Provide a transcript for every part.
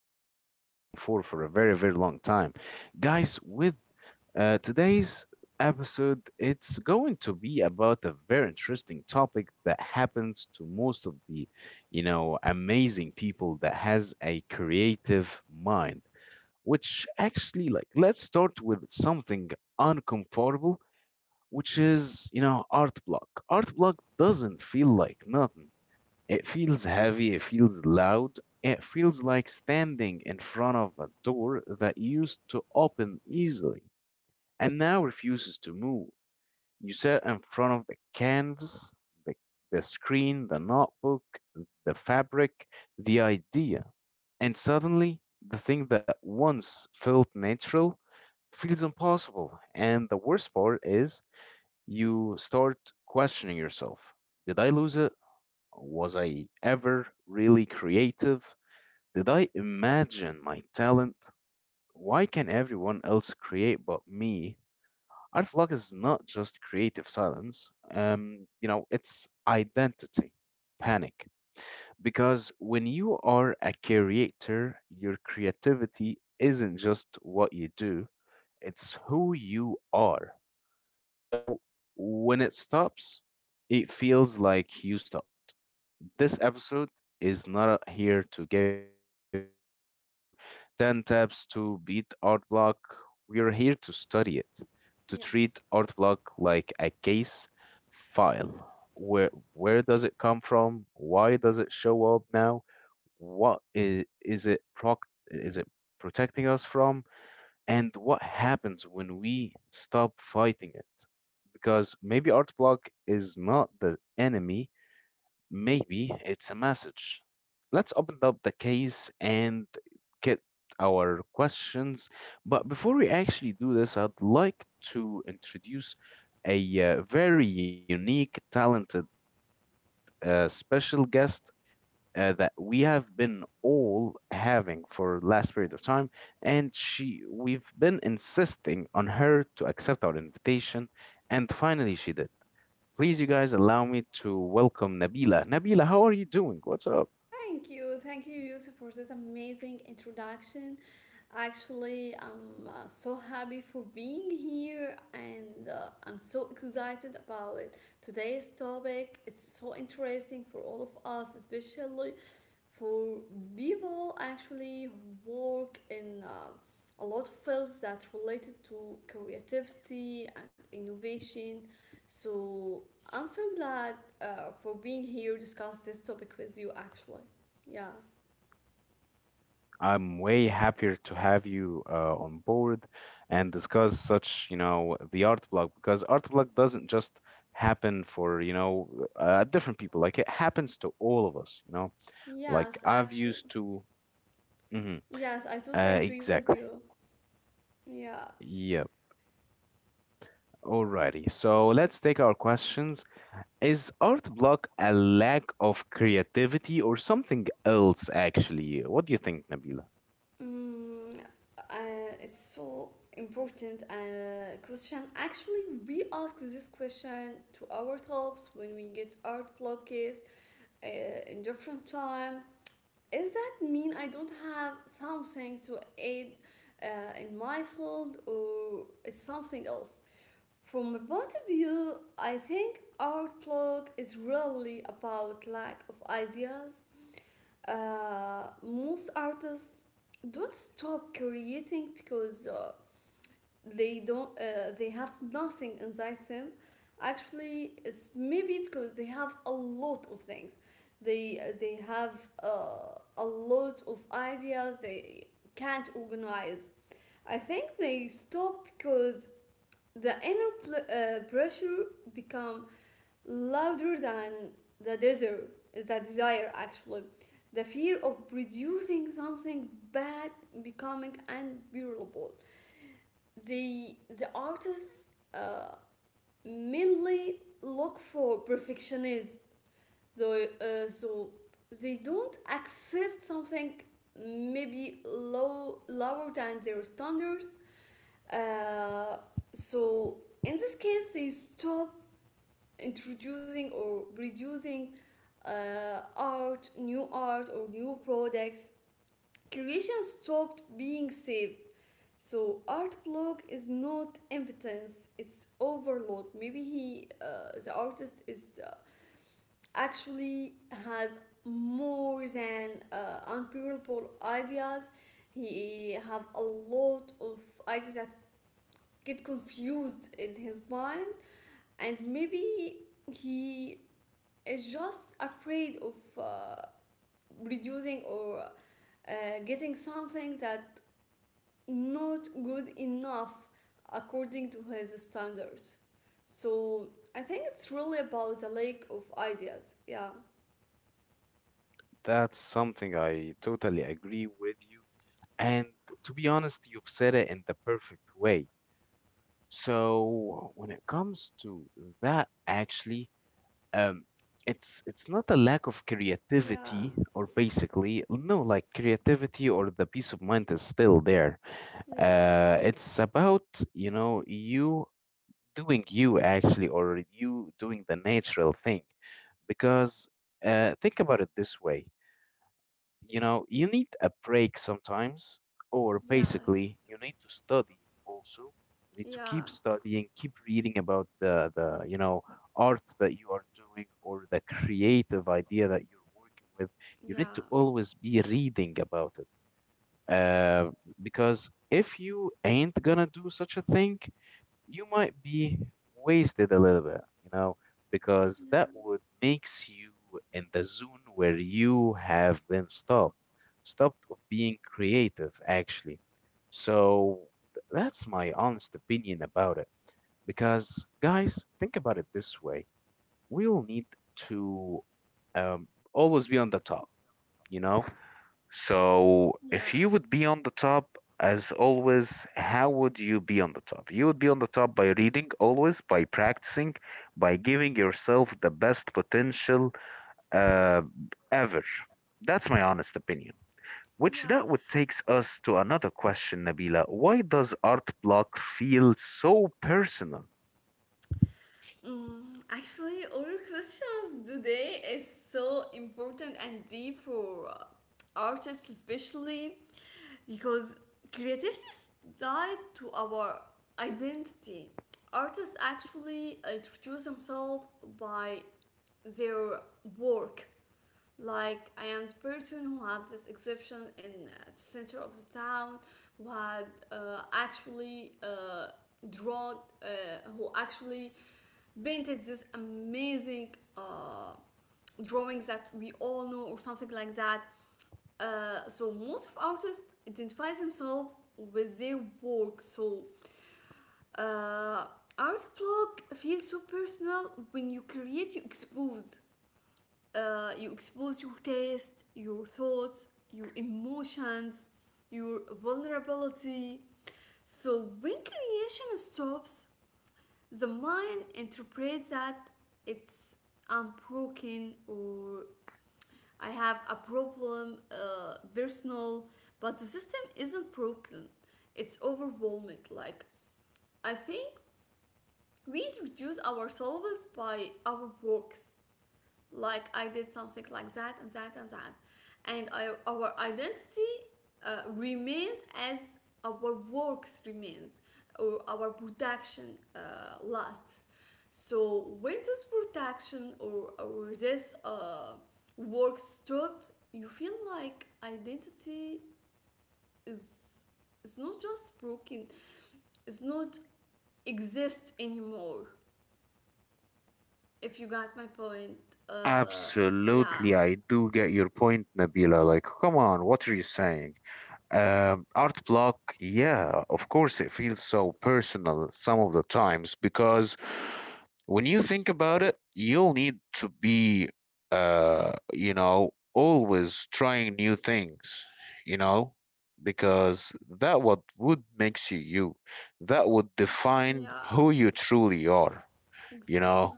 have been waiting for a very, very long time. Guys, with today's episode, it's going to be about a very interesting topic that happens to most of the, amazing people that has a creative mind, which actually, let's start with something uncomfortable which is art block art Block doesn't feel like nothing. It feels heavy, it feels loud, it feels like standing in front of a door that used to open easily and now refuses to move. You sit in front of the canvas, the, the screen, the notebook, the fabric, the idea, and suddenly the thing that once felt natural feels impossible. And the worst part is you start questioning yourself. Did I lose it? Was I ever really creative? Did I imagine my talent? Why can everyone else create but me? Art vlog is not just creative silence. It's identity panic. Because when you are a creator, your creativity isn't just what you do, it's who you are. So when it stops, it feels like you stopped. This episode is not here to give you 10 tips to beat art block. We are here to study it, to treat art block Yes. like a case file. Where, where Yeah. does it come from? Why does it show up now? What is it protecting us from? And what happens when we stop fighting it? Because maybe art block is not the enemy. Maybe it's a message. Let's open up the case and get our questions. But before we actually do this, I'd like to introduce a very unique, talented, special guest that we have been all having for last period of time, and she we've been insisting on her to accept our invitation, and finally she did. Please, you guys, allow me to welcome Nabila. Nabila, how are you doing? What's up? Thank you, Yusuf, for this amazing introduction. Actually, I'm so happy for being here and I'm so excited about it. Today's topic. It's so interesting for all of us, especially for people actually who work in a lot of fields that related to creativity and innovation. So I'm so glad for being here to discuss this topic with you actually. Yeah. I'm way happier to have you on board and discuss such, you know, the art blog, because art blog doesn't just happen for, you know, different people. Like, it happens to all of us, you know. Like Yes, I've used actually. to. Mhm. Yes, I totally agree with Exactly. you. Yeah. Yep. Alrighty. So let's take our questions. Is art block a lack of creativity or something else, actually? What do you think, Nabila? Mm, it's so important question. Actually, we ask this question to ourselves when we get art blocks in different time. Is that mean I don't have something to aid in my field or it's something else? From my point of view, I think art block is really about lack of ideas. Most artists don't stop creating because they have nothing inside them. Actually, it's maybe because they have a lot of things. They have a lot of ideas. They can't organize. I think they stop because the inner pressure become louder than the desire. Is that desire actually? The fear of producing something bad becoming unbearable. The artists uh, mainly look for perfectionism. Though, so they don't accept something maybe lower than their standards. Uh, so in this case, they stop introducing or reducing art, new art or new products, creation stopped being saved. So art block is not impotence; it's overload. Maybe the artist, is actually has more than unbearable ideas. He have a lot of ideas that get confused in his mind, and maybe he is just afraid of uh, reducing or uh, getting something that not good enough according to his standards. So I think it's really about the lack of ideas. Yeah, That's something I totally agree with you. And to be honest, you've said it in the perfect way. So when it comes to that, actually, um, it's not a lack of yeah, creativity, or basically no, like, creativity or the peace of mind is still there. yeah, It's about, you know, you doing you actually, or you doing the natural thing. Because think about it this way, you know, you need a break sometimes, or basically yes, you need to study. Also, you need to keep yeah, studying, keep reading about the art that you are doing, or the creative idea that you're working with. You need to yeah, always be reading about it. uh, because if you ain't gonna do such a thing, you might be wasted a little bit, you know, because that would yeah, makes you in the zone where you have been stopped, stopped of being creative actually. So that's my honest opinion about it. Because guys, think about it this way: we'll need to, um, always be on the top, you know. So, yeah, if you would be on the top, as always, how would you be on the top? You would be on the top by reading always, by practicing, by giving yourself the best potential uh, ever. That's my honest opinion. Which yeah. that would takes us to another question, Nabila. Why does art block feel so personal? Mm, actually, our questions today is so important and deep for artists, especially because creativity is tied to our identity. Artists actually introduce themselves by their work. Like I am the person who has this exception in center of the town who had actually drawn, who actually painted this amazing uh, drawings that we all know or something like that. So most of artists identify themselves with their work. So uh, art blog feels so personal when you create, you expose your taste, your thoughts, your emotions, your vulnerability. So when creation stops, the mind interprets that it's unbroken or I have a problem, personal, but the system isn't broken. It's overwhelming. Like, I think we introduce ourselves by our works like I did something like that and that and that. And I, our identity remains as our works remains or our production lasts. So when this production or this work stopped, you feel like identity is is not just broken, it's not exist anymore. If you got my point, uh, yeah. Absolutely, I do get your point, Nabila. Like, come on, what are you saying? Art block, yeah, of course, it feels so personal some of the times, because when you think about it, you'll need to be, you know, always trying new things, you know, because that what would makes you you, that would define Yeah, who you truly are, you exactly. know.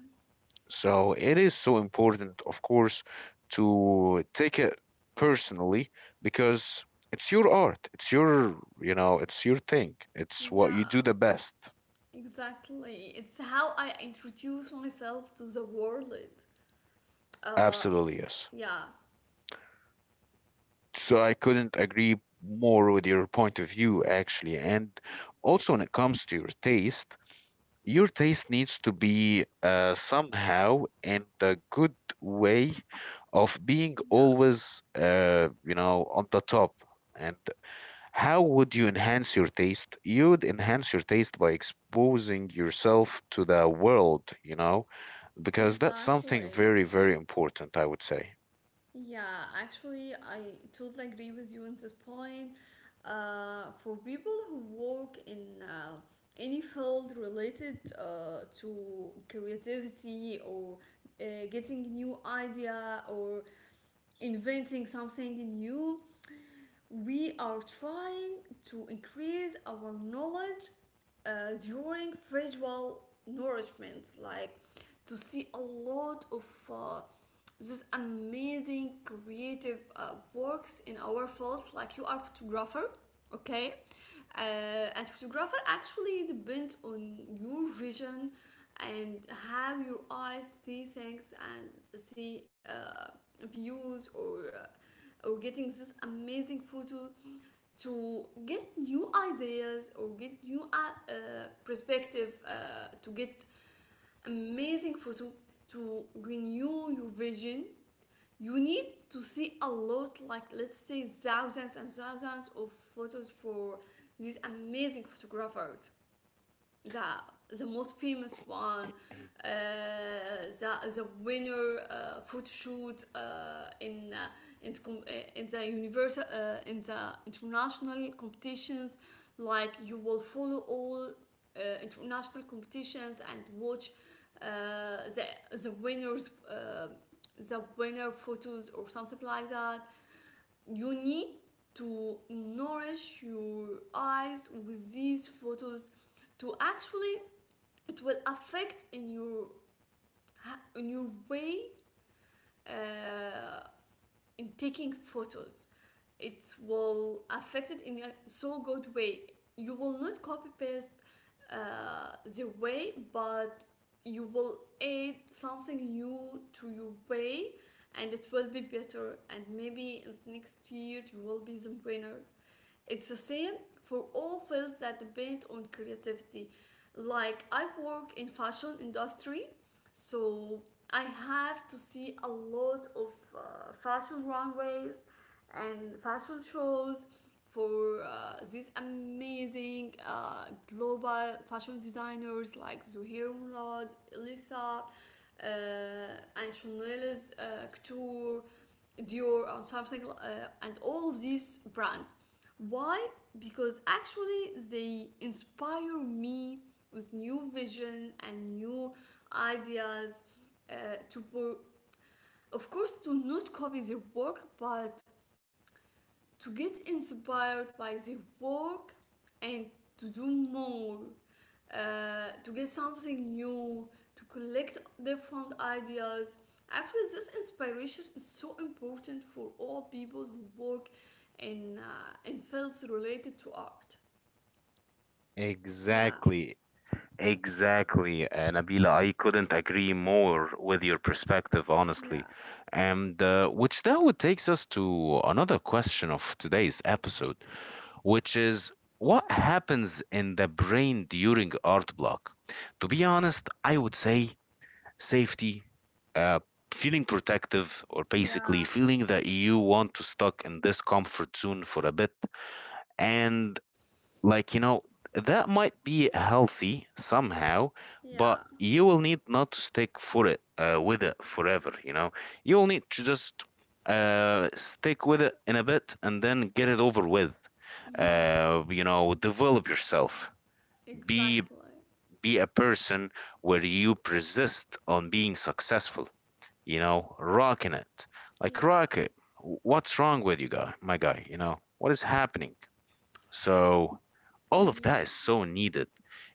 So it is so important, of course, to take it personally, because it's your art. It's your, you know, it's your thing. It's what you Yeah, do the best. exactly. It's how I introduce myself to the world. Uh, Absolutely, yes. yeah, So I couldn't agree more with your point of view, actually. And also, when it comes to your taste needs to be somehow in the good way of being yeah, always, you know, on the top. And how would you enhance your taste? You'd enhance your taste by exposing yourself to the world, you know, because that's something exactly. very, very important, I would say. Yeah, actually, I totally agree with you on this point. For people who work in any field related to creativity or uh, getting new idea or inventing something new, we are trying to increase our knowledge during visual nourishment, like to see a lot of uh, this amazing creative works in our fields. Like you are a photographer, okay, and photographer actually depend on your vision and how your eyes see things and see views or getting this amazing photo to get new ideas or get new uh, perspective to get amazing photo to renew your vision, you need to see a lot, like let's say thousands and thousands of photos for these amazing photographers, the most famous one, uh, the winner photo shoot in, com- uh, in the universal in the international competitions. Like you will follow all international competitions and watch uh, the winners the winner photos or something like that. You need to nourish your eyes with these photos to actually it will affect in your way uh, in taking photos. It will affect it in a so good way. You will not copy paste the way, but you will add something new to your way, and it will be better, and maybe in the next year you will be the winner. It's the same for all fields that depend on creativity. Like I work in fashion industry, so I have to see a lot of fashion runways and fashion shows for these amazing global fashion designers like Zuhair Murad, Elisa, uh, and Chanel's Couture, Dior, and something, and all of these brands. Why? Because actually they inspire me with new vision and new ideas uh, to work, of course to not copy their work but to get inspired by their work and to do more to get something new, to collect different ideas. Actually this inspiration is so important for all people who work in fields related to art. Yeah, Exactly, exactly, Nabila. I couldn't agree more with your perspective, honestly. yeah, And which now would takes us to another question of today's episode, which is what happens in the brain during art block. To be honest, I would say safety, uh, feeling protective, or basically yeah, feeling that you want to stuck in this comfort zone for a bit, and, like, you know, that might be healthy somehow, but yeah, you will need not to stick for it with it forever, you know. You will need to just stick with it in a bit and then get it over with. yeah, You know, develop yourself, be exactly. be a person where you persist on being successful, you know, rocking it, like, Yeah, rock it. What's wrong with you guy, my guy, you know, what is happening? So all of that yeah, is so needed.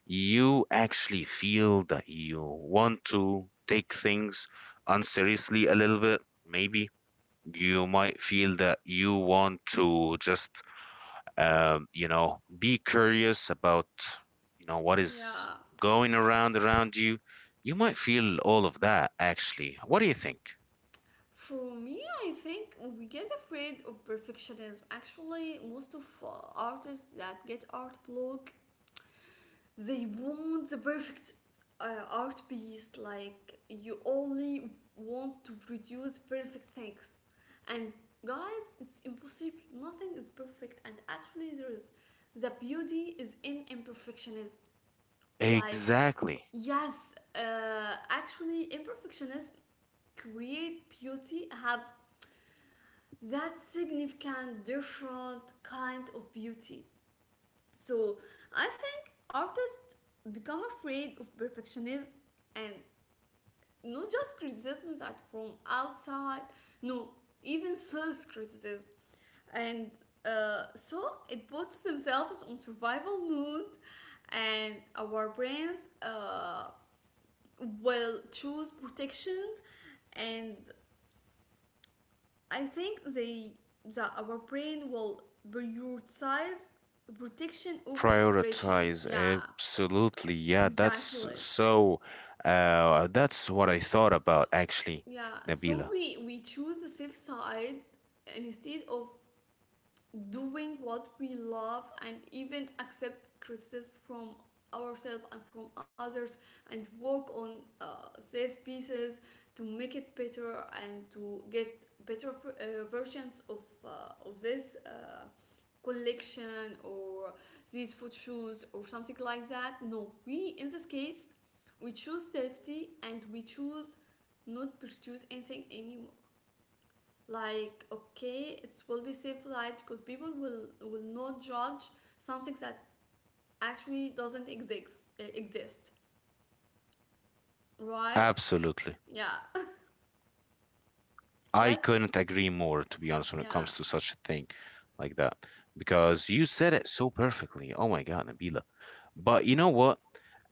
You actually feel that you want to take things unseriously a little bit. Maybe you might feel that you want to just, you know, be curious about, you know, what is yeah. going around you. You might feel all of that actually. What do you think? For me, I think we get afraid of perfectionism. Actually, most of artists that get art block, they want the perfect art piece. Like you only want to produce perfect things, and guys, it's impossible. Nothing is perfect, and actually, there is the beauty is in imperfectionism. Like, Exactly. yes, actually, imperfectionists create beauty, have that significant, different kind of beauty. So, I think artists become afraid of perfectionism and not just criticism that from outside, no, even self criticism. And so it puts themselves on survival mode, and our brains will choose protections, and I think they that our brain will prioritize protection over expression, Prioritize, yeah, absolutely. Yeah, that's exactly. so, that's what I thought S about actually, yeah, so Nabila. we choose the safe side instead of doing what we love and even accept criticism from ourselves and from others, and work on sales pieces to make it better and to get better versions of this collection or these food shoes or something like that. No, we in this case we choose safety and we choose not produce anything any, like okay it will be safe light because people will not judge something that actually doesn't exist, right. Absolutely. Yeah so I that's couldn't agree more, to be honest, when it yeah, comes to such a thing like that, because you said it so perfectly. Oh my God, Nabila. But you know what?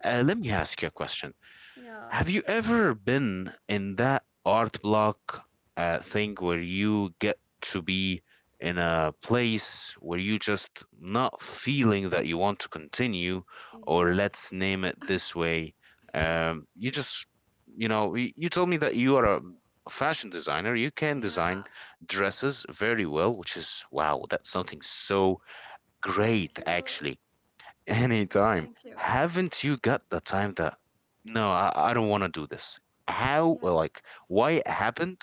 Let me ask you a question. yeah, Have you ever been in that art block thing where you get to be in a place where you just not feeling that you want to continue, or let's name it yes, this way, you just, you know, you told me that you are a fashion designer. You can design yeah, dresses very well, which is wow, that's something so thank you, great actually. Anytime. thank you, Haven't you got the time that no, I don't want to do this? How, or, yes. like, why it happened,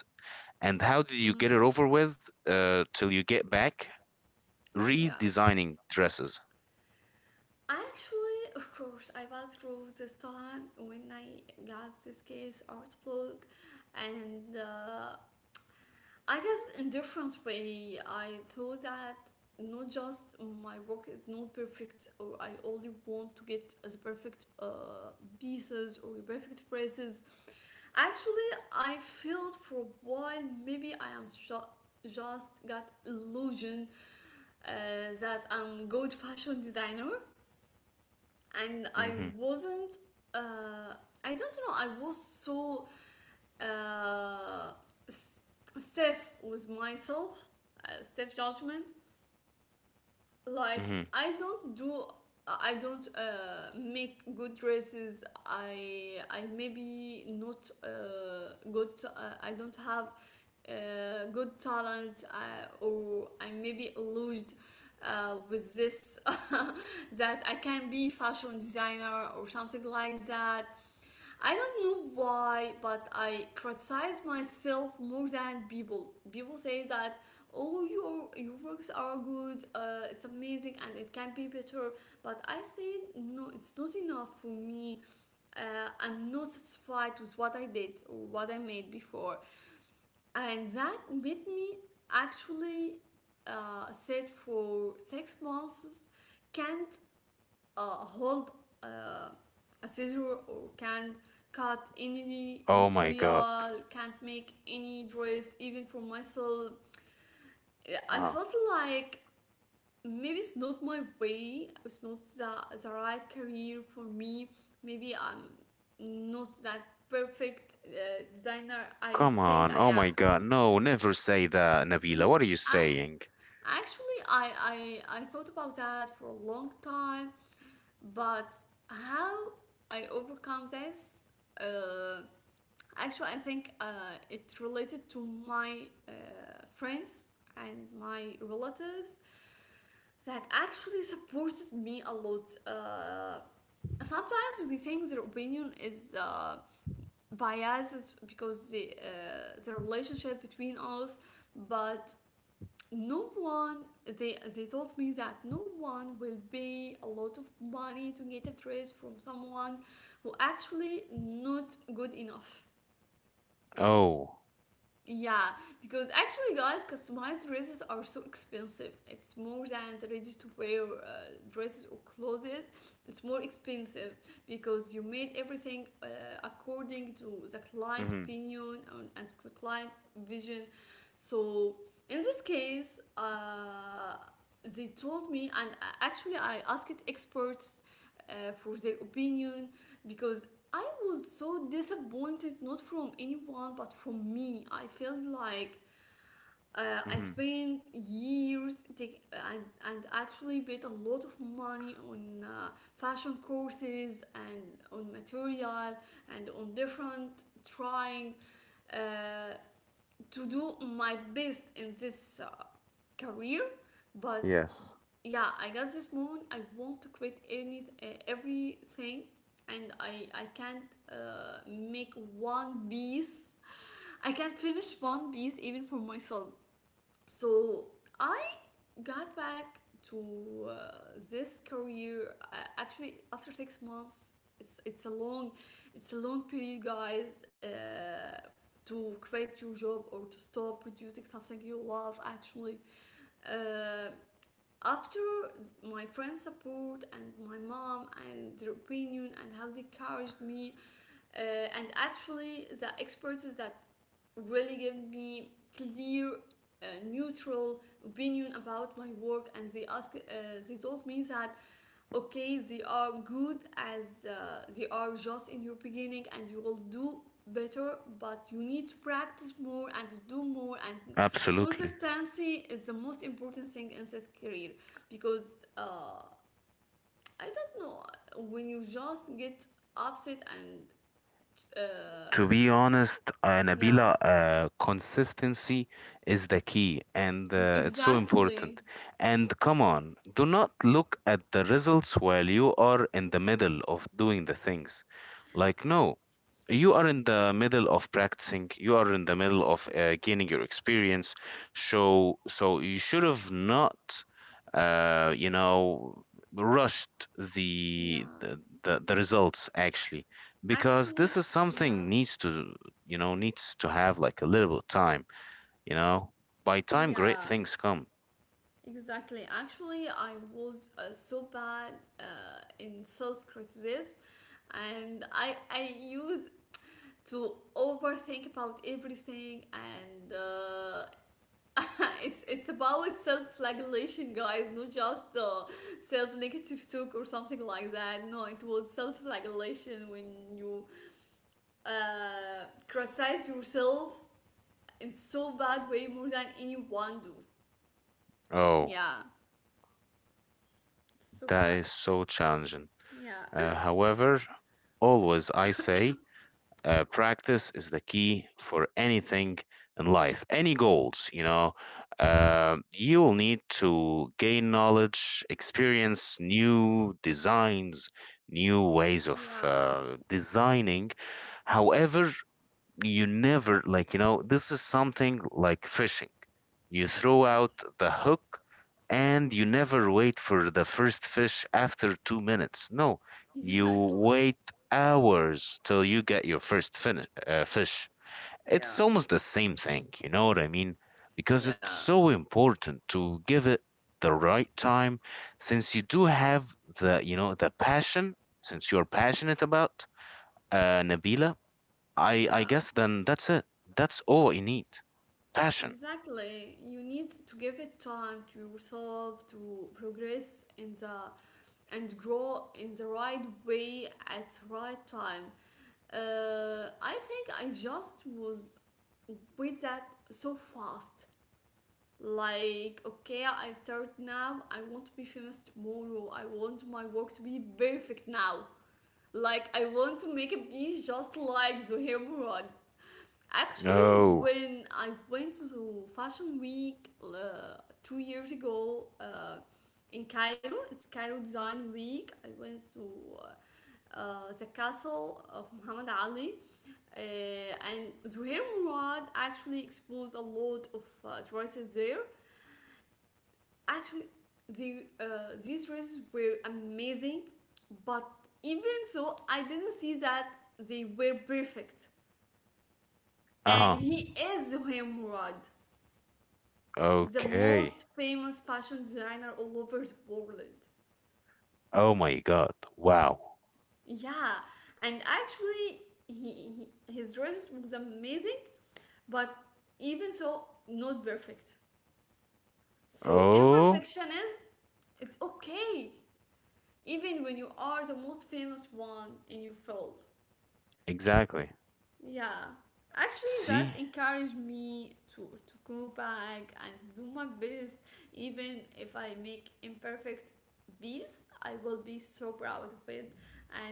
and how did you get it mm, over with till you get back? yeah, Redesigning dresses. actually of course I went through this time when I got this case art blog, and I guess in different way, I thought that not just my work is not perfect, or I only want to get as perfect pieces or perfect phrases. Actually, I felt for a while maybe I am just got illusion uh, that I'm good fashion designer, and I Mm-hmm. wasn't. Uh, I don't know. I was so uh, stiff with myself, stiff judgment. Like Mm-hmm. I don't do, I don't make good dresses. I maybe not good. I don't have good talent, or I maybe illusioned. With this that I can be fashion designer or something like that. I don't know why, but I criticize myself more than people. People say that, oh, your works are good, it's amazing, and it can be better. But I say no, it's not enough for me. I'm not satisfied with what I did or what I made before, and that made me actually sit for 6 months. Can't hold uh, a scissor or can't cut any Oh my God. material, can't make any dress, even for myself. I Uh, felt like maybe it's not my way, it's not the right career for me. Maybe I'm not that perfect designer I come think on. I Oh am. my God. No, never say that, Nabila. Mm, What are you I saying? actually I thought about that for a long time. But how I overcome this, uh, actually, I think it related to my uh, friends and my relatives that actually supported me a lot. Sometimes we think their opinion is biased because the relationship between us, but no one, they told me that no one will pay a lot of money to get a dress from someone who actually not good enough. Oh. Yeah, because actually, guys, customized dresses are so expensive. It's more than the ready to wear dresses or clothes. It's more expensive because you made everything according to the client Mm-hmm. opinion and the client vision. So, in this case, they told me, and actually, I asked experts for their opinion because I was so disappointed, not from anyone, but from me. I felt like I Mm-hmm. spent years take, and actually paid a lot of money on fashion courses and on material and on different trying uh, to do my best in this career. But Yes. yeah, I got this moment I want to quit any everything and I can't make one piece. I can't finish one piece even for myself. So I got back to this career, actually after 6 months. It's a long, it's a long period, guys, to quit your job or to stop producing something you love actually. uh, After my friends' support and my mom and their opinion and how they encouraged me, uh, and actually the experts that really gave me clear, neutral opinion about my work, and they told me that okay, they are good as they are just in your beginning and you will do better, but you need to practice more and do more, and Absolutely. consistency is the most important thing in this career. Because I don't know, when you just get upset and uh, To be honest, yeah, Nabila, consistency is the key and it's so exactly, important. And come on, do not look at the results while you are in the middle of doing the things. Like, no, you are in the middle of practicing, you are in the middle of gaining your experience. So, you should have not, you know, rushed yeah, the results actually, because this actually, is yeah, something needs to, you know, needs to have like a little time, you know, by time great yeah. things come. Exactly. Actually, I was so bad uh, in self criticism, and I used to overthink about everything, and it's about self flagellation, guys. Not just self negative talk or something like that. No, it was self flagellation when you criticize yourself in so bad way more than anyone do. Oh, Yeah, it's so that bad. is so challenging. Yeah. However, always I say practice is the key for anything in life, any goals, you know. You will need to gain knowledge, experience, new designs, new ways of Yeah, designing. However, you never, like, you know, this is something like fishing. You throw out yes, the hook and you never wait for the first fish after 2 minutes, no. You exactly. wait hours till you get your first fish. It's Yeah, almost the same thing, you know what I mean, because it's yeah, so important to give it the right time, since you do have the, you know, the passion, since you're passionate about Nabila, I yeah, guess then that's it. That's all you need. Passion. exactly. You need to give it time to yourself to progress in the and grow in the right way at the right time. I think I just was with that so fast. Like, okay, I start now. I want to be famous tomorrow. I want my work to be perfect now. Like, I want to make a piece just like Zohair Murad. Actually, Oh, when I went to Fashion Week 2 years ago, in Cairo, it's Cairo Design Week. I went to the castle of Muhammad Ali, and Zuhair Murad actually exposed a lot of dresses there. Actually, the, uh, these races were amazing, but even so, I didn't see that they were perfect. uh-huh. And he is Zohaim Murad, the Okay. most famous fashion designer all over the world. Oh my God. Wow. Yeah, and actually, he his dress was amazing, but even so, not perfect. So Oh, imperfection is, it's okay, even when you are the most famous one in your field. exactly. Yeah. Actually, that See? encouraged me to go back and do my best. Even if I make imperfect beats, I will be so proud of it.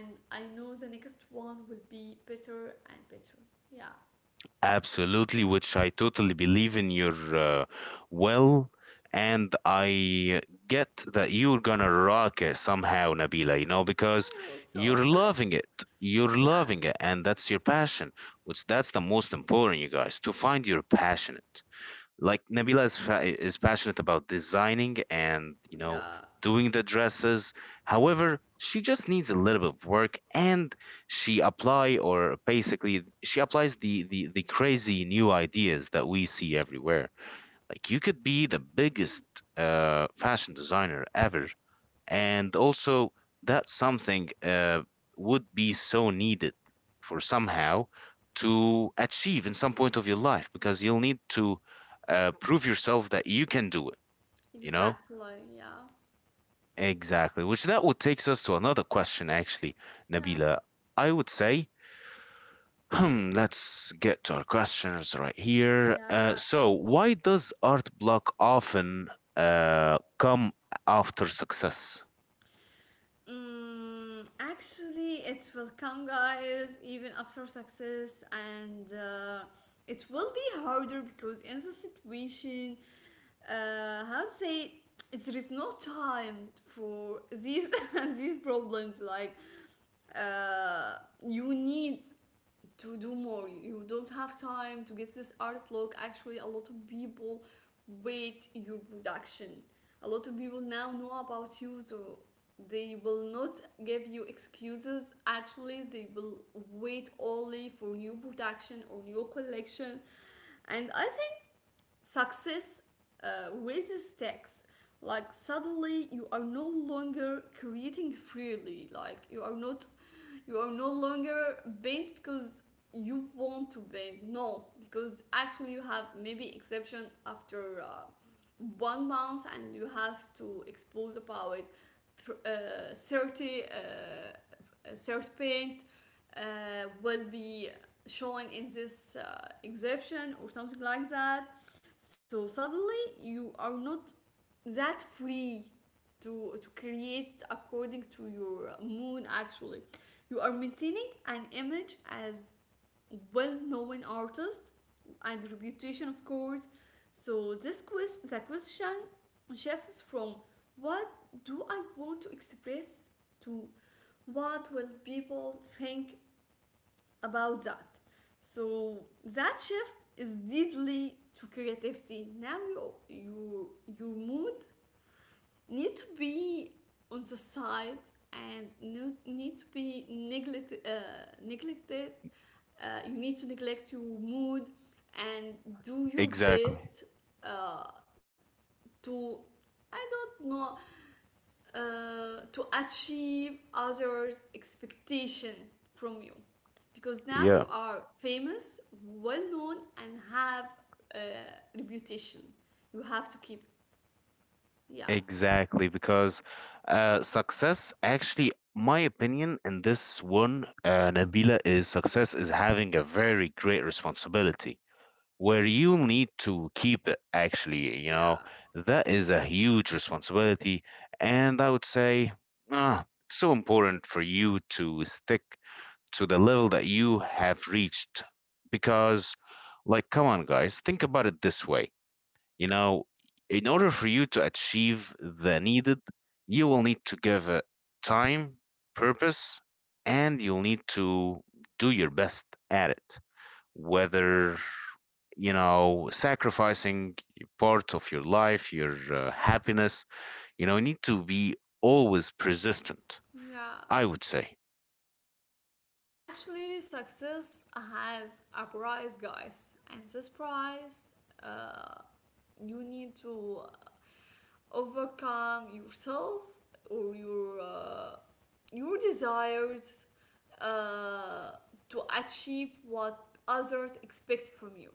And I know the next one will be better and better. Yeah. Absolutely, which I totally believe in your well, and I get that you're gonna rock it somehow, Nabila, you know, because I hope so. you're loving it. You're loving it, Yes. and that's your passion, which that's the most important, you guys, to find your passion. Like Nabila is, is passionate about designing and, you know, Yeah. doing the dresses. However, she just needs a little bit of work, and she apply or basically she applies the crazy new ideas that we see everywhere. Like, you could be the biggest fashion designer ever, and also that something would be so needed for somehow to achieve in some point of your life, because you'll need to prove yourself that you can do it, you know. Exactly. Yeah. Exactly, which that would takes us to another question. Actually, Yeah. Nabila, I would say, let's get to our questions right here. Yeah. So why does art block often come after success? Mm, actually, it will come, guys, even after success, and it will be harder because in the situation, how to say, there is no time for these and these problems. Like, uh, you need to do more. You don't have time to get this art look. Actually, a lot of people wait your production. A lot of people now know about you, so they will not give you excuses. Actually, they will wait only for new production or new collection. And I think success raises stakes. Like suddenly, you are no longer creating freely. Like you are not, you are no longer bent because you want to bend no, because actually you have maybe exception after 1 month and you have to expose about 30 third paint uh, will be shown in this exception or something like that. So suddenly you are not that free to create according to your moon actually. You are maintaining an image as well-known artist and reputation, of course. So this question, the question shifts from what do I want to express to what will people think about that. So that shift is deadly to creativity. Now your your mood need to be on the side and need to be neglected. You need to neglect your mood and do your Exactly. best, uh, to, I don't know, to achieve others' expectation from you. Because now you are famous, well known, and have a reputation. You have to keep, yeah, Exactly, because success, actually, my opinion in this one, Nabila, is success is having a very great responsibility where you need to keep it, actually. You know, yeah, that is a huge responsibility. And I would say, ah, so important for you to stick to the level that you have reached, because, like, come on, guys, think about it this way. You know, in order for you to achieve the needed, you will need to give it time, purpose, and you'll need to do your best at it. Whether, you know, sacrificing part of your life, your happiness, you know, you need to be always persistent, yeah. I would say. Actually, success has a price, guys, and this price, uh, you need to overcome yourself or your desires uh, to achieve what others expect from you.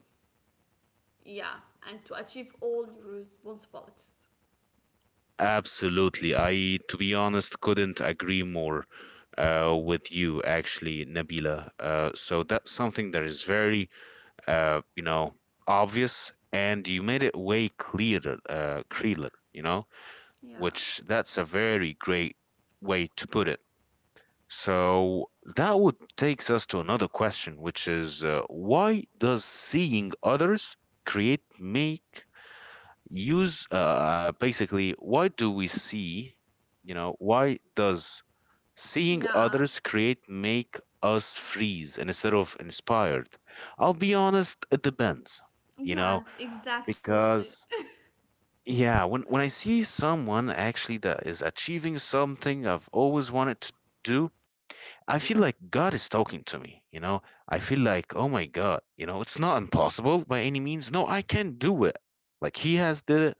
Yeah, and to achieve all your responsibilities. Absolutely. I, to be honest, couldn't agree more with you, actually, Nabila. So that's something that is very you know, obvious, and you made it way clearer, you know, which Yeah, that's a very great way to put it. So that would takes us to another question, which is, why does seeing others create make use basically why do we see you know why does seeing others yeah, create make us freeze instead of inspired? I'll be honest, it depends, you know. yes, exactly. Because, when I see someone actually that is achieving something I've always wanted to do, I feel like God is talking to me, you know. I feel like, oh my God, you know, it's not impossible by any means. No, I can do it. Like, he has did it.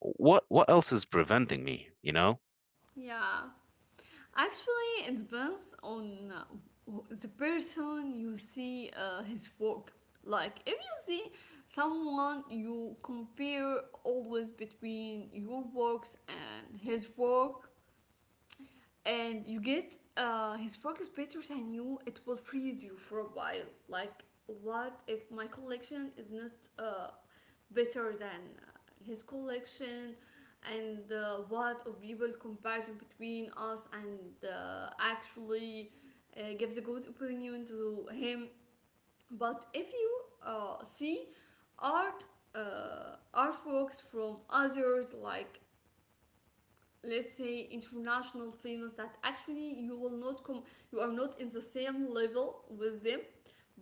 What else is preventing me, you know? Yeah. Actually, it depends on the person you see his work. Like, if you see someone you compare always between your works and his work, and you get his work is better than you, it will freeze you for a while. Like, what if my collection is not uh, better than his collection? And what of people comparison between us and actually gives a good opinion to him. But if you see art artworks from others, like let's say international famous that actually you will not come, you are not in the same level with them,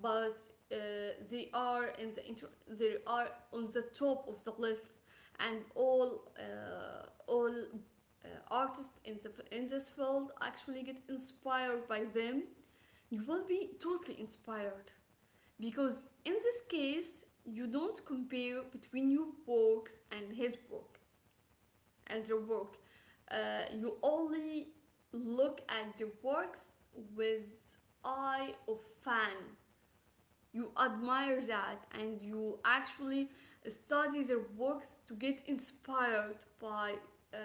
but they are in the they are on the top of the list, and all artists in the in this field actually get inspired by them. You will be totally inspired because in this case you don't compare between your works and his work and their work. Uh, you only look at their works with eye of fan. You admire that and you actually study their works to get inspired by uh,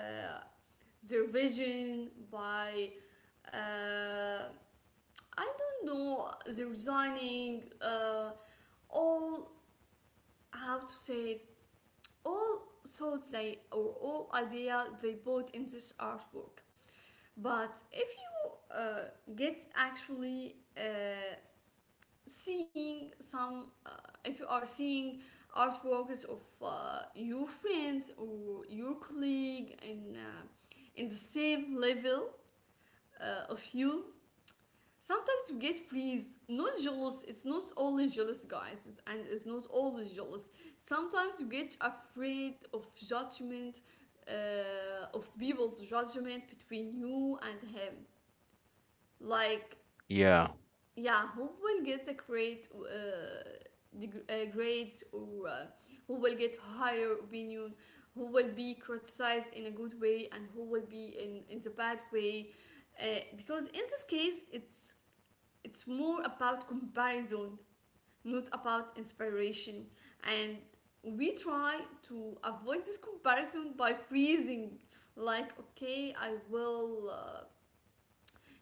their vision, by uh, I don't know their designing, all how to say it, all thoughts they or all idea they put in this artwork. But if you get actually seeing if you are seeing artworks of your friends or your colleague in the same level of you, sometimes you get freezed. Not jealous. It's not only jealous, guys, and it's not always jealous. Sometimes you get afraid of judgment, of people's judgment between you and him, like Yeah. yeah, who will get a great grades, or who will get higher opinion, who will be criticized in a good way and who will be in the bad way. Because in this case, it's more about comparison, not about inspiration, and we try to avoid this comparison by freezing. Like, okay, I will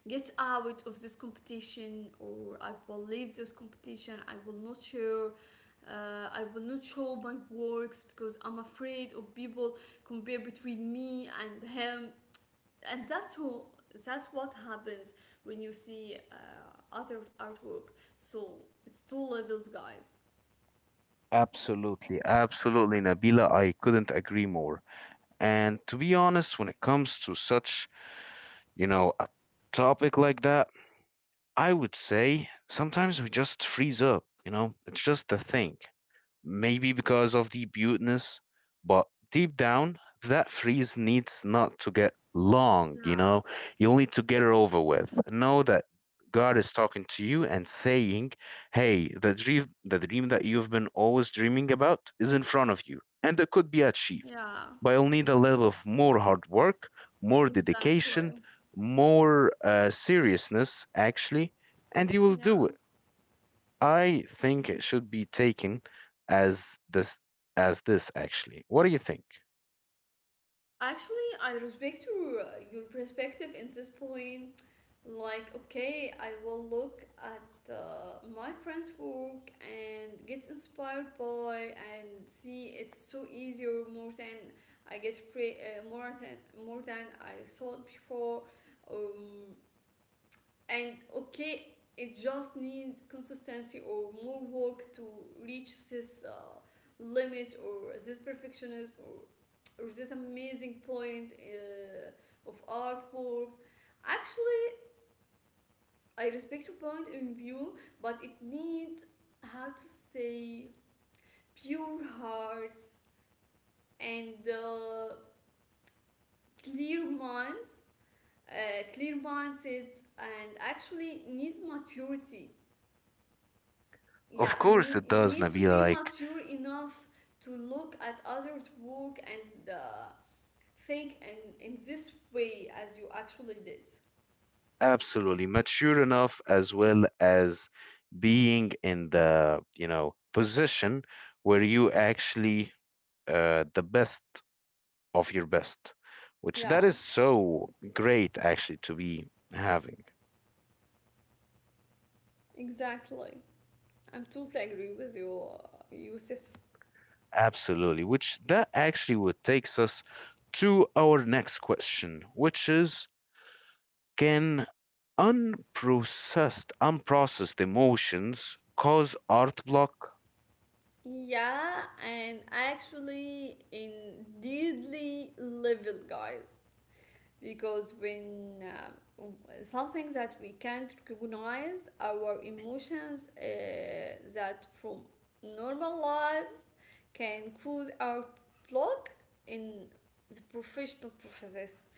get out of this competition, or I will leave this competition. I will not share. I will not show my works because I'm afraid of people compare between me and him. And that's who that's what happens when you see other artwork. So it's two levels, guys. Absolutely, absolutely, Nabila. I couldn't agree more. And to be honest, when it comes to such, you know, a topic like that, I would say sometimes we just freeze up, you know? It's just a thing. Maybe because of the buteness, but deep down, that freeze needs not to get long, you Yeah, know? You'll need to get it over with. Know that God is talking to you and saying, hey, the dream that you've been always dreaming about is in front of you, and it could be achieved. yeah, But you'll need a level of more hard work, more dedication, exactly. more seriousness, actually, and you will do Yeah. it. I think it should be taken as this as this, actually. What do you think? Actually, I respect your perspective in this point. Like, okay, I will look at my friend's work and get inspired by and see it's so easier more than I get free, more than I thought before. Um, and okay, it just needs consistency or more work to reach this limit or this perfectionism, or this amazing point of artwork. Actually, I respect your point in view, but it needs how to say pure hearts and clear minds, clear mindset, and actually needs maturity. Yeah, Of course it you does, need to Nabila, be like, mature enough to look at others work and think in this way as you actually did. absolutely mature enough, as well as being in the, you know, position where you actually the best of your best, which Yeah, that is so great actually to be having. exactly. I'm totally agree with you, Yusuf. Absolutely, which that actually would takes us to our next question, which is, can unprocessed emotions cause art block? Yeah, and actually in deadly level, guys, because when w- something that we can't recognize our emotions that from normal life can cruise our blog in the professional process,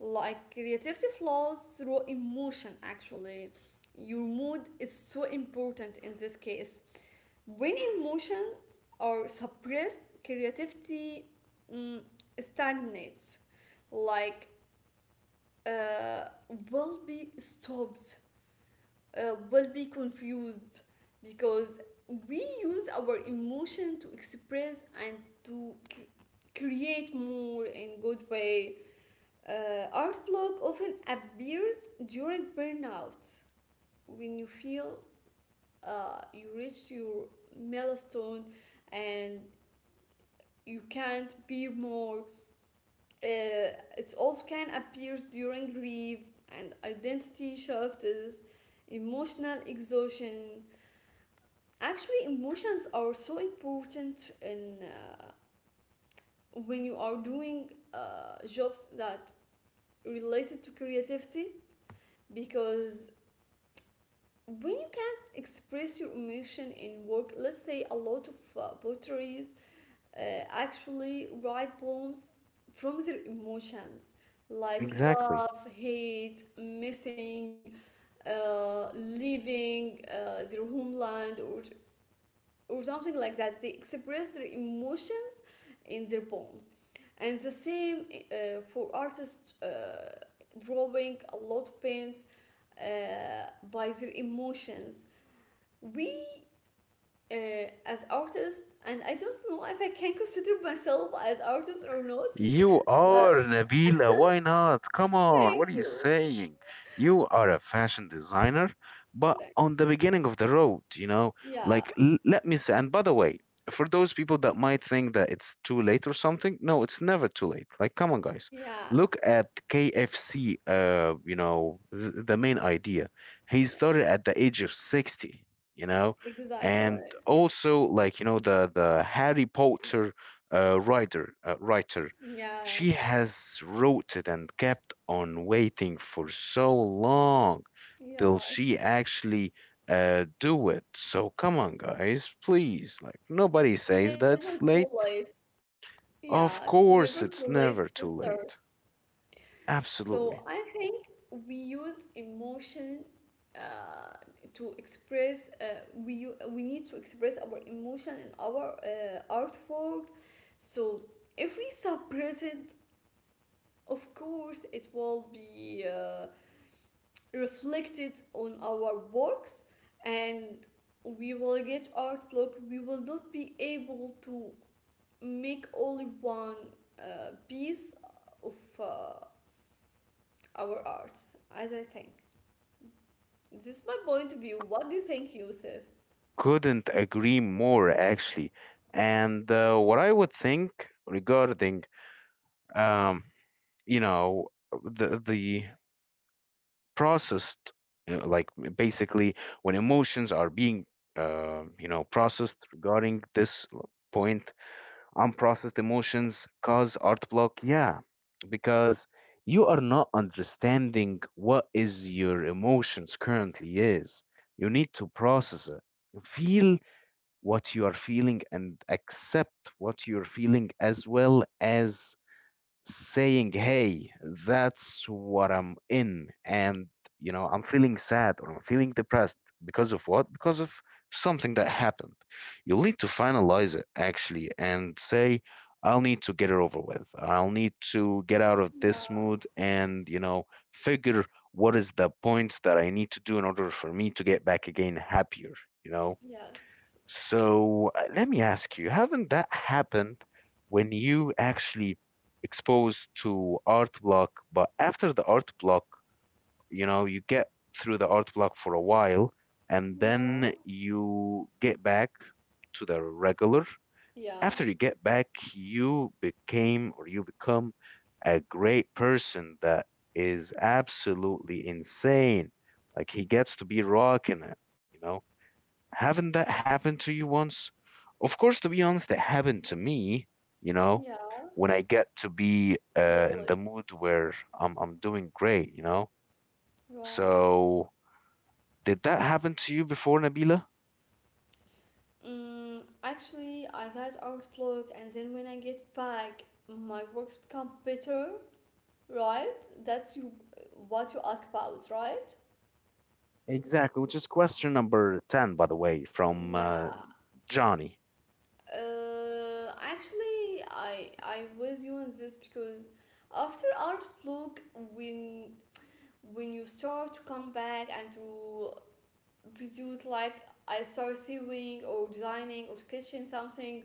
like creativity flows through emotion actually. Your mood is so important in this case. When emotions are suppressed, creativity um stagnates, like uh, will be stopped, will be confused, because we use our emotion to express and to c- create more in good way. Uh, art block often appears during burnout when you feel you reach your milestone and you can't be more. Uh, it also can appear during grief and identity shifts, emotional exhaustion. Actually, emotions are so important in when you are doing jobs that related to creativity. Because when you can't express your emotion in work, let's say a lot of poetaries uh, actually write poems from their emotions, like Exactly. love, hate, missing, leaving their homeland or something like that. They express their emotion in their poems. And the same for artists drawing a lot of paints uh, by their emotions. We as artists, and I don't know if I can consider myself as artist or not, You but are, Nabila. Why not? Come on. thank What are you you. saying? You are a fashion designer, but Thank- on the beginning of the road, you know, Yeah, like, let me say, and by the way, for those people that might think that it's too late or something, no, it's never too late. Like, come on, guys. yeah, Look at KFC, you know, the main idea. He yeah, started at the age of 60, you know, exactly. and also, like, you know, the Harry Potter writer, she Yeah, has rooted and kept on waiting for so long till yeah, she actually do it. So come on, guys, please. Like, nobody it's says never that's too late. late. Yeah, it's Of never course, too it's late to never too start. late. So Absolutely, I think we used emotion uh, to express. We need to express our emotion in our artwork. So if we suppress it, of course, it will be reflected on our works, and we will get artwork. We will not be able to make only one piece of uh, our arts, as I think. This is my point of view. What do you think, Yusuf? couldn't agree more. Actually, and what I would think regarding, um, you know, the processed, you know, like basically when emotions are being, you know, processed, regarding this point, unprocessed emotions cause art block, yeah. Because you are not understanding what is your emotions currently is. You need to process it, feel what you are feeling, and accept what you're feeling, as well as saying, hey, that's what I'm in. And, you know, I'm feeling sad, or I'm feeling depressed because of what? Because of something that happened. You'll need to finalize it, actually, and say, I'll need to get it over with. I'll need to get out of this Yeah, mood, and, you know, figure what is the points that I need to do in order for me to get back again happier, you know? yes, So, let me ask you, haven't that happened when you actually exposed to art block, but after the art block, you know, you get through the art block for a while, and then yeah, you get back to the regular. After yeah, you get back, you became, or you become, a great person that is absolutely insane. Like, he gets to be rocking it, you know? Haven't that happened to you once? Of course, to be honest, it happened to me, you know, yeah, when I get to be really. in the mood where I'm doing great, you know. Wow. So, did that happen to you before, Nabila? Mm, actually, I got Outlook, and then when I get back, my works become better, right? That's you, what you ask about, right? Exactly, which is question number 10, by the way, from Yeah. Johnny. Actually, I was you on this because after Outlook, when you start to come back and to produce like I start sewing or designing or sketching something.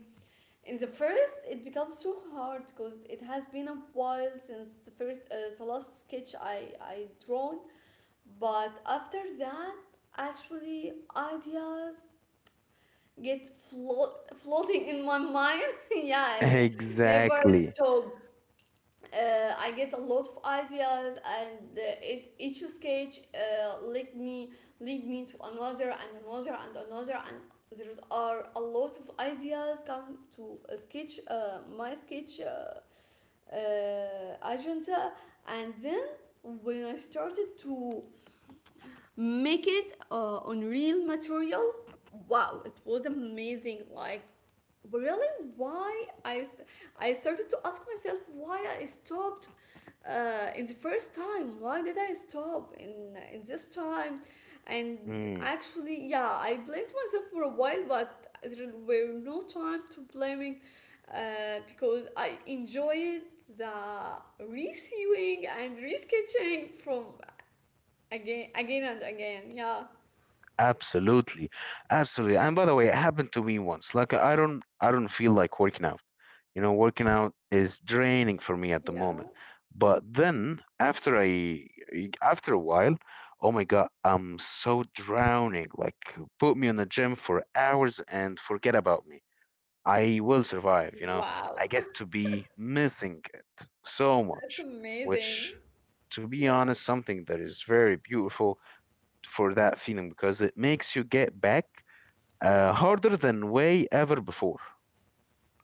In the first, it becomes so hard because it has been a while since the first, the last sketch I drawn. But after that, actually, ideas get floating in my mind. Yeah, and never Exactly. stop I get a lot of ideas, and it, each sketch lead me to another and another and another, and there are a lot of ideas come to a sketch, my sketch agenda, and then when I started to make it on real material, wow, it was amazing! Like really why I started to ask myself why I stopped in the first time. Why did I stop in this time? And Mm, actually, yeah, I blamed myself for a while, but there were no time to blaming because I enjoyed the receiving and resketching from again, again and again. Yeah, absolutely. Absolutely. And by the way, it happened to me once. Like, I don't feel like working out. You know, working out is draining for me at the moment. yeah. But then, after a while, oh my God, I'm so drowning. Like, put me in the gym for hours and forget about me, I will survive, you know. I Wow, get to be missing it so much, that's which, amazing. to be Yeah, honest, something that is very beautiful for that feeling, because it makes you get back yeah. Harder than way ever before.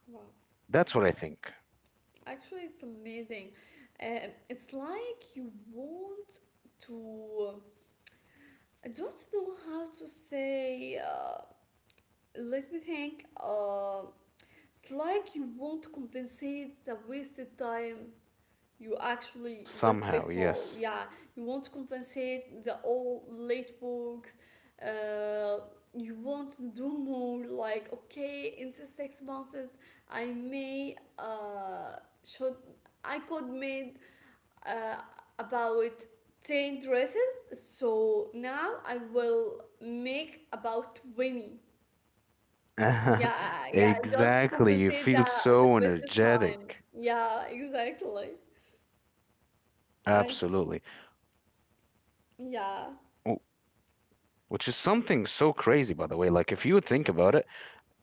Wow. That's what I think. Actually, it's amazing. It's like you want to. I don't know how to say. Let me think. It's like you want to compensate the wasted time you actually was Somehow, before. yes. Yeah, you want to compensate the all late works. Uh, you want to do more. Like okay, in the 6 months, I may should I could made uh, about 10 dresses, so now I will make about 20. Yeah, yeah, just to Exactly. You compensate feel the so wasted time. energetic. Yeah, exactly. I Absolutely. yeah. W- Which is something so crazy, by the way. Like, if you would think about it,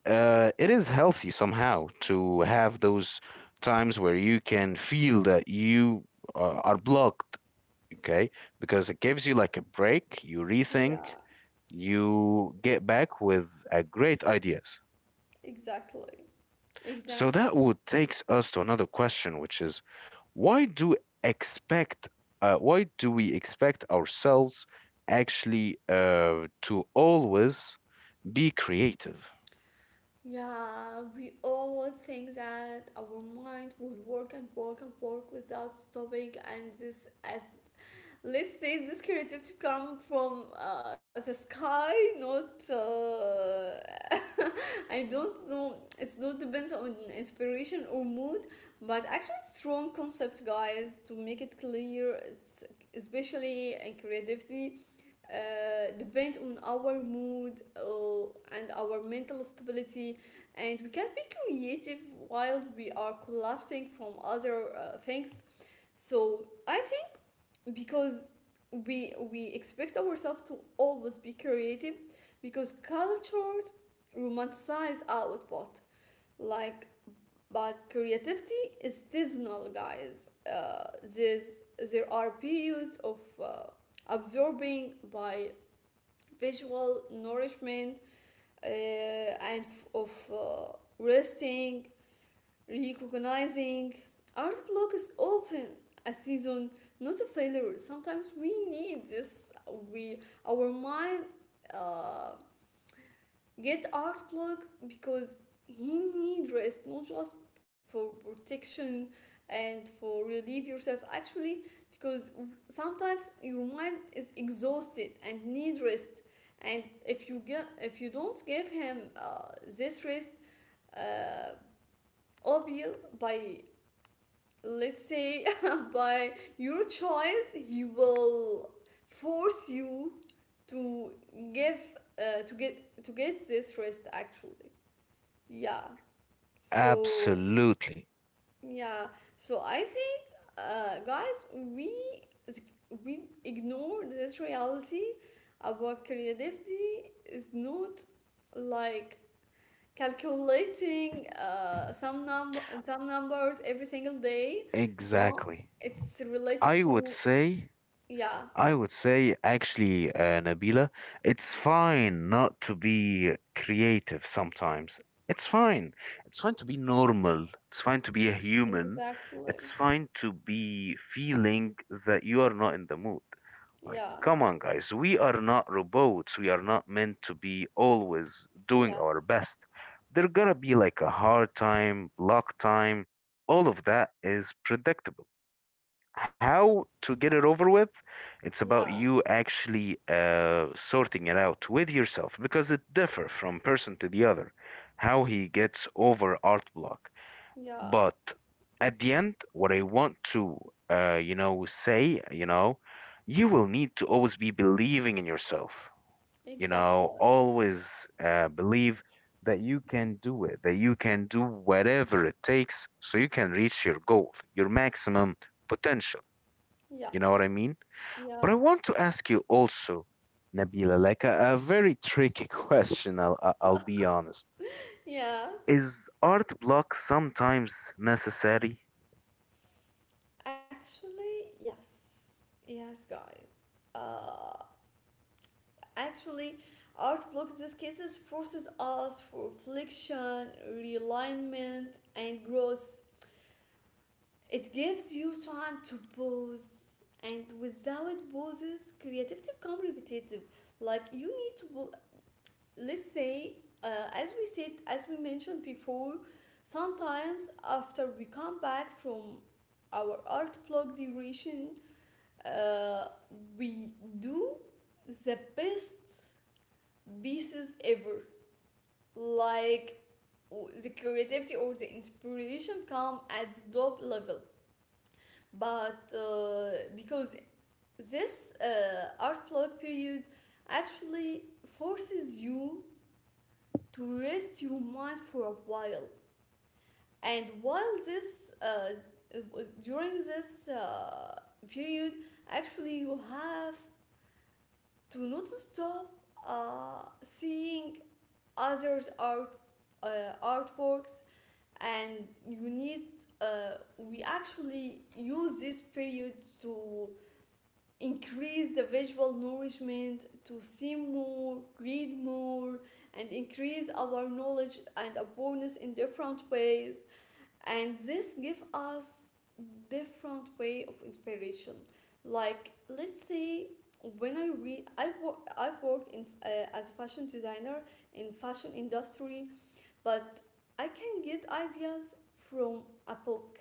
it is healthy somehow to have those times where you can feel that you are blocked, okay? Because it gives you like a break, you rethink, Yeah, you get back with great ideas. exactly, So exactly. that would takes us to another question, which is, why do expect, why do we expect ourselves, actually, to always be creative? Yeah, we all think that our mind will work and work and work without stopping, and this as, let's say, this creativity come from the sky, not I don't know. It's not depends on inspiration or mood, but actually strong concept, guys, to make it clear. It's especially in creativity depend on our mood and our mental stability, and we can be creative while we are collapsing from other things. So i because we expect ourselves to always be creative because cultures romanticize output, like, but creativity is seasonal, guys. There's, there are periods of absorbing by visual nourishment and f- of resting. Recognizing art block is often a season, not a failure. Sometimes we need this. We our mind uh, get art block because he need rest, not just for protection and for relieve yourself. Actually, because sometimes your mind is exhausted and need rest. And if you don't give him this rest, uh, obvious by, let's say, by your choice, he will force you to give to get this rest actually. Yeah. So Absolutely. yeah, so I think, guys, we ignore this reality. About creativity is not like calculating some numbers every single day. No, Exactly. it's related I would to. say, Yeah, I would say, actually, Nabila, it's fine not to be creative sometimes. It's fine. It's fine to be normal. It's fine to be a human. It's exactly. fine to be feeling that you are not in the mood. Like, Yeah, come on, guys. We are not robots. We are not meant to be always doing our yes, best. There gotta be like a hard time, luck time. All of that is predictable. How to get it over with, it's about yeah, you, actually, sorting it out with yourself, because it differs from person to the other how he gets over art block. yeah, But at the end, what I want to you know, say, you know, you will need to always be believing in yourself, you exactly, know. Always believe that you can do it, that you can do whatever it takes so you can reach your goal, your maximum potential, yeah, you know what I mean? yeah, But I want to ask you also, Nabila, like, a very tricky question, I'll, I'll be honest. yeah. Is art block sometimes necessary? Actually, yes, yes, guys. Actually, art blocks, these cases, forces us for reflection, realignment and growth. It gives you time to pause, and without pauses, creativity become repetitive. Like you need to, let's say, as we mentioned before, sometimes after we come back from our art block duration, uh, we do the best pieces ever. Like the creativity or the inspiration come at top level, but because this art block period actually forces you to rest your mind for a while. And while this during this period, actually you have to not stop seeing others art, artworks. And you need, we actually use this period to increase the visual nourishment, to see more, read more, and increase our knowledge and awareness in different ways. And this gives us different way of inspiration. Like, let's say, when I read, I work in as a fashion designer in fashion industry, but I can get ideas from a book,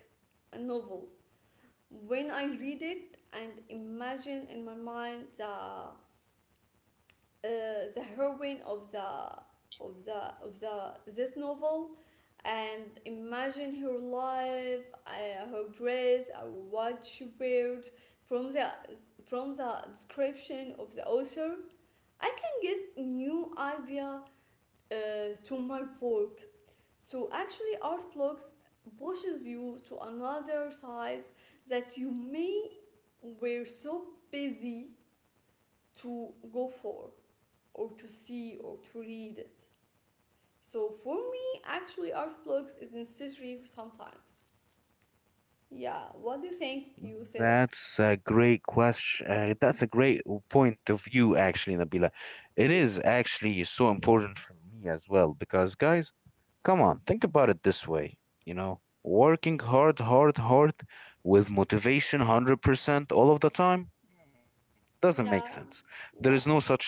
a novel, when I read it and imagine in my mind the heroine of the of the of the this novel, and imagine her life, her dress, what she wears from the, from the description of the author. I can get new idea uh, to my work. So actually, art blogs pushes you to another sides that you may were so busy to go for or to see or to read it. So for me, actually, art blogs is necessary sometimes. Yeah, what do you think, Yusuf? That's a great question. That's a great point of view, actually, Nabila. It is actually so important for me as well, because, guys, come on, think about it this way. You know, working hard, hard, hard with motivation 100% all of the time doesn't make sense. Yeah, There is no yeah, such thing,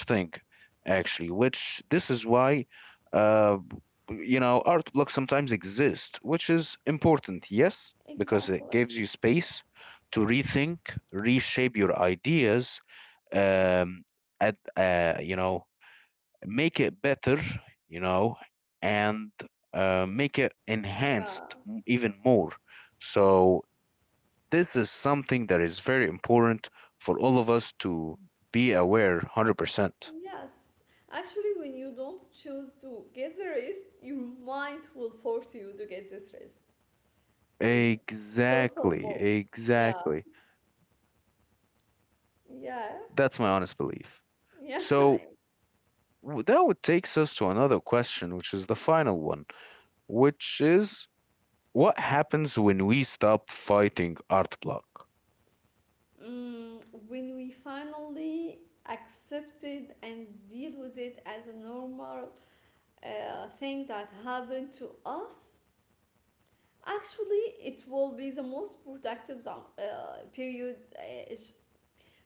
actually, which this is why, uh, you know, art blocks sometimes exist, which is important, yes, because it exactly. gives you space to rethink, reshape your ideas, um, at, you know, make it better, you know, and make it Yeah, enhanced even more. So this is something that is very important for all of us to be aware 100%. yes. Actually, when you don't choose to get the rest, your mind will force you to get this rest. It's so Exactly, simple. Yeah, exactly. yeah, That's my honest belief. yeah. So, that would takes us to another question, which is the final one, which is, what happens when we stop fighting art block? Mm, when we finally accept it and deal with it as a normal thing that happened to us, actually, it will be the most productive period. It's-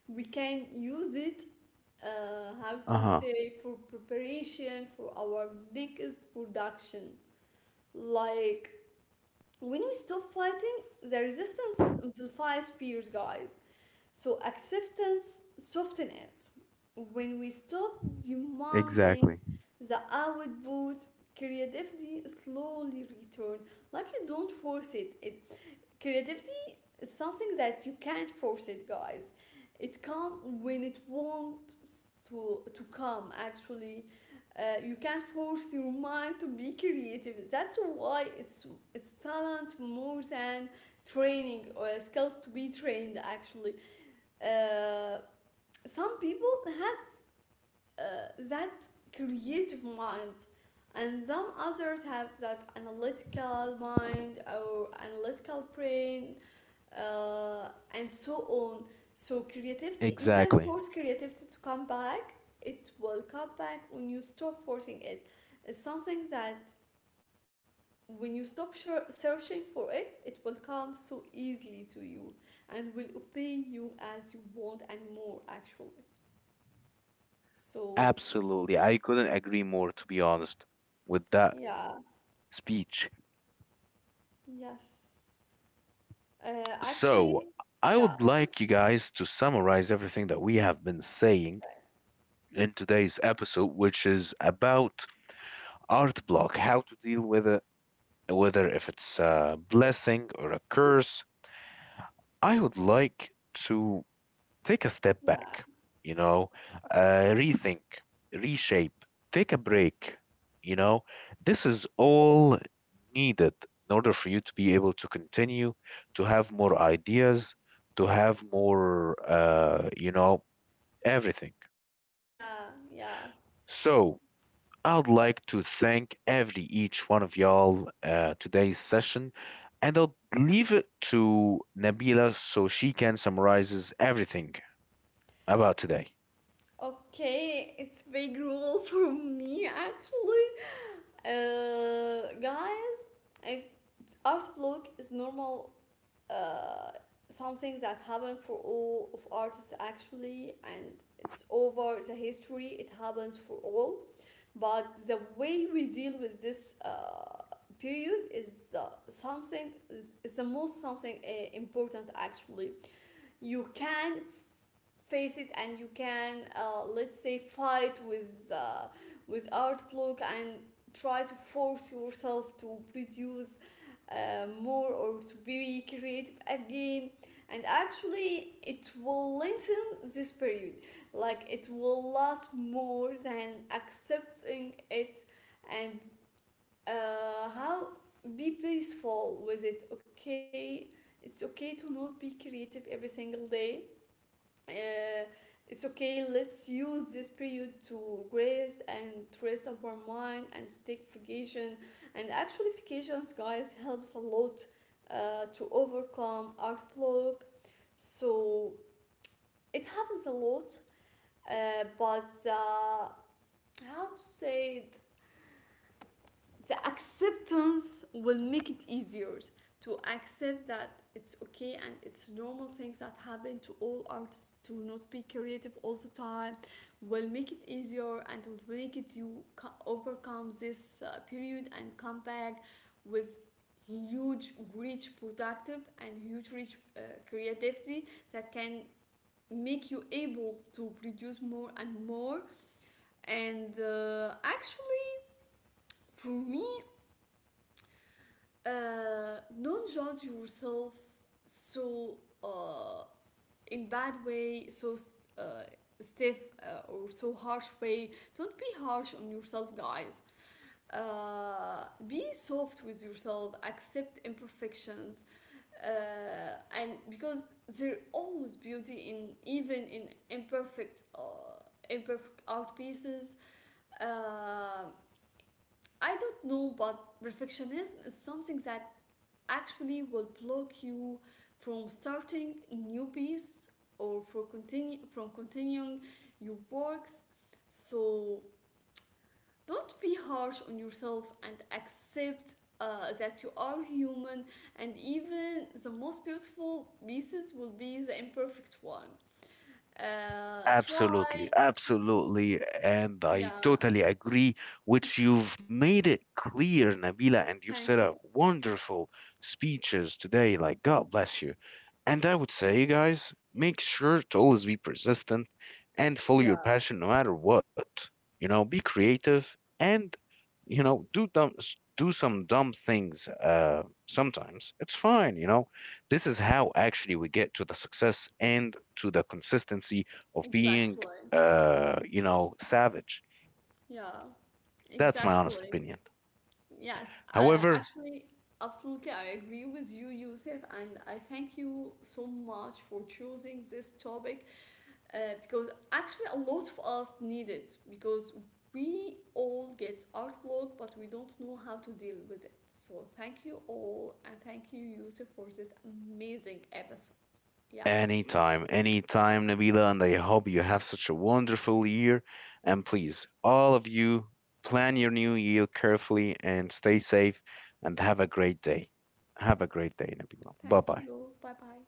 we can use it, how to Uh-huh. say, for preparation for our next production. Like, when we stop fighting, the resistance amplifies fears, guys. So acceptance softens it. When we stop demanding Exactly. the output, creativity slowly return. Like you don't force it. Creativity is something that you can't force it, guys. It come when it wants to come, actually. You can't force your mind to be creative. It's talent more than training or skills to be trained, actually. uh, some people has uh, that creative mind, and some others have that analytical mind or analytical brain, uh, and so on. So creativity, you can't Exactly. force creativity to come back. It will come back when you stop forcing it. It's something that when you stop searching for it, it will come so easily to you, and will obey you as you want and more, actually. So, Absolutely. I couldn't agree more, to be honest, with that yeah, speech. yes. So, Actually, I would yeah, like you guys to summarize everything that we have been saying okay. in today's episode, which is about art block, how to deal with it, whether if it's a blessing or a curse. I would like to take a step back, Yeah, you know, rethink, reshape, take a break. You know, this is all needed in order for you to be able to continue, to have more ideas, to have more, you know, everything. yeah, yeah. So, I'd like to thank every each one of y'all today's session, and I'll leave it to Nabila so she can summarizes everything about today. Okay, it's big rule for me, actually. Guys, if art block is normal, uh, something that happened for all of artists, actually, and it's over the history. It happens for all. But the way we deal with this period is something is the most something important, actually. You can face it, and you can, let's say, fight with art outlook, and try to force yourself to produce more or to be creative again, and actually it will lengthen this period. Like it will last more than accepting it, and how be peaceful with it. Okay, it's okay to not be creative every single day. uh, it's okay. Let's use this period to rest, and to rest our mind, and to take vacation. And actually, vacations, guys, helps a lot to overcome art block. So it happens a lot, but how to say it. The acceptance will make it easier to accept that it's okay, and it's normal things that happen to all artists to not be creative all the time. Will make it easier and will make it you overcome this period and come back with huge rich productive and huge rich creativity that can make you able to produce more and more. And actually, for me, don't judge yourself so uh, in bad way, so uh, stiff, or so harsh way. Don't be harsh on yourself, guys. Be soft with yourself, accept imperfections, and because there always beauty in even in imperfect, imperfect art pieces. uh, I don't know, but perfectionism is something that actually will block you from starting new piece, or for continue from continuing your works. So don't be harsh on yourself, and accept that you are human, and even the most beautiful pieces will be the imperfect one. Try, Absolutely, absolutely. And I yeah. totally agree, which you've made it clear, Nabila, and you've set Thank up you. wonderful speeches today. Like, God bless you. And I would say, guys, make sure to always be persistent and follow Yeah, your passion no matter what. You know, be creative and, you know, do do some dumb things, uh, sometimes. It's fine, you know. This is how actually we get to the success and to the consistency of being, exactly, uh, you know, savage. yeah, That's my honest exactly. opinion. Yes, However, actually, absolutely, I agree with you, Yusuf, and I thank you so much for choosing this topic, because actually a lot of us need it, because we all get art block, but we don't know how to deal with it. So thank you all, and thank you, Yusuf, for this amazing episode. Yeah, anytime, anytime, Nabila, and I hope you have such a wonderful year. And please, all of you, plan your new year carefully and stay safe, and have a great day. Have a great day, Nabila. Bye thank bye you. Bye bye.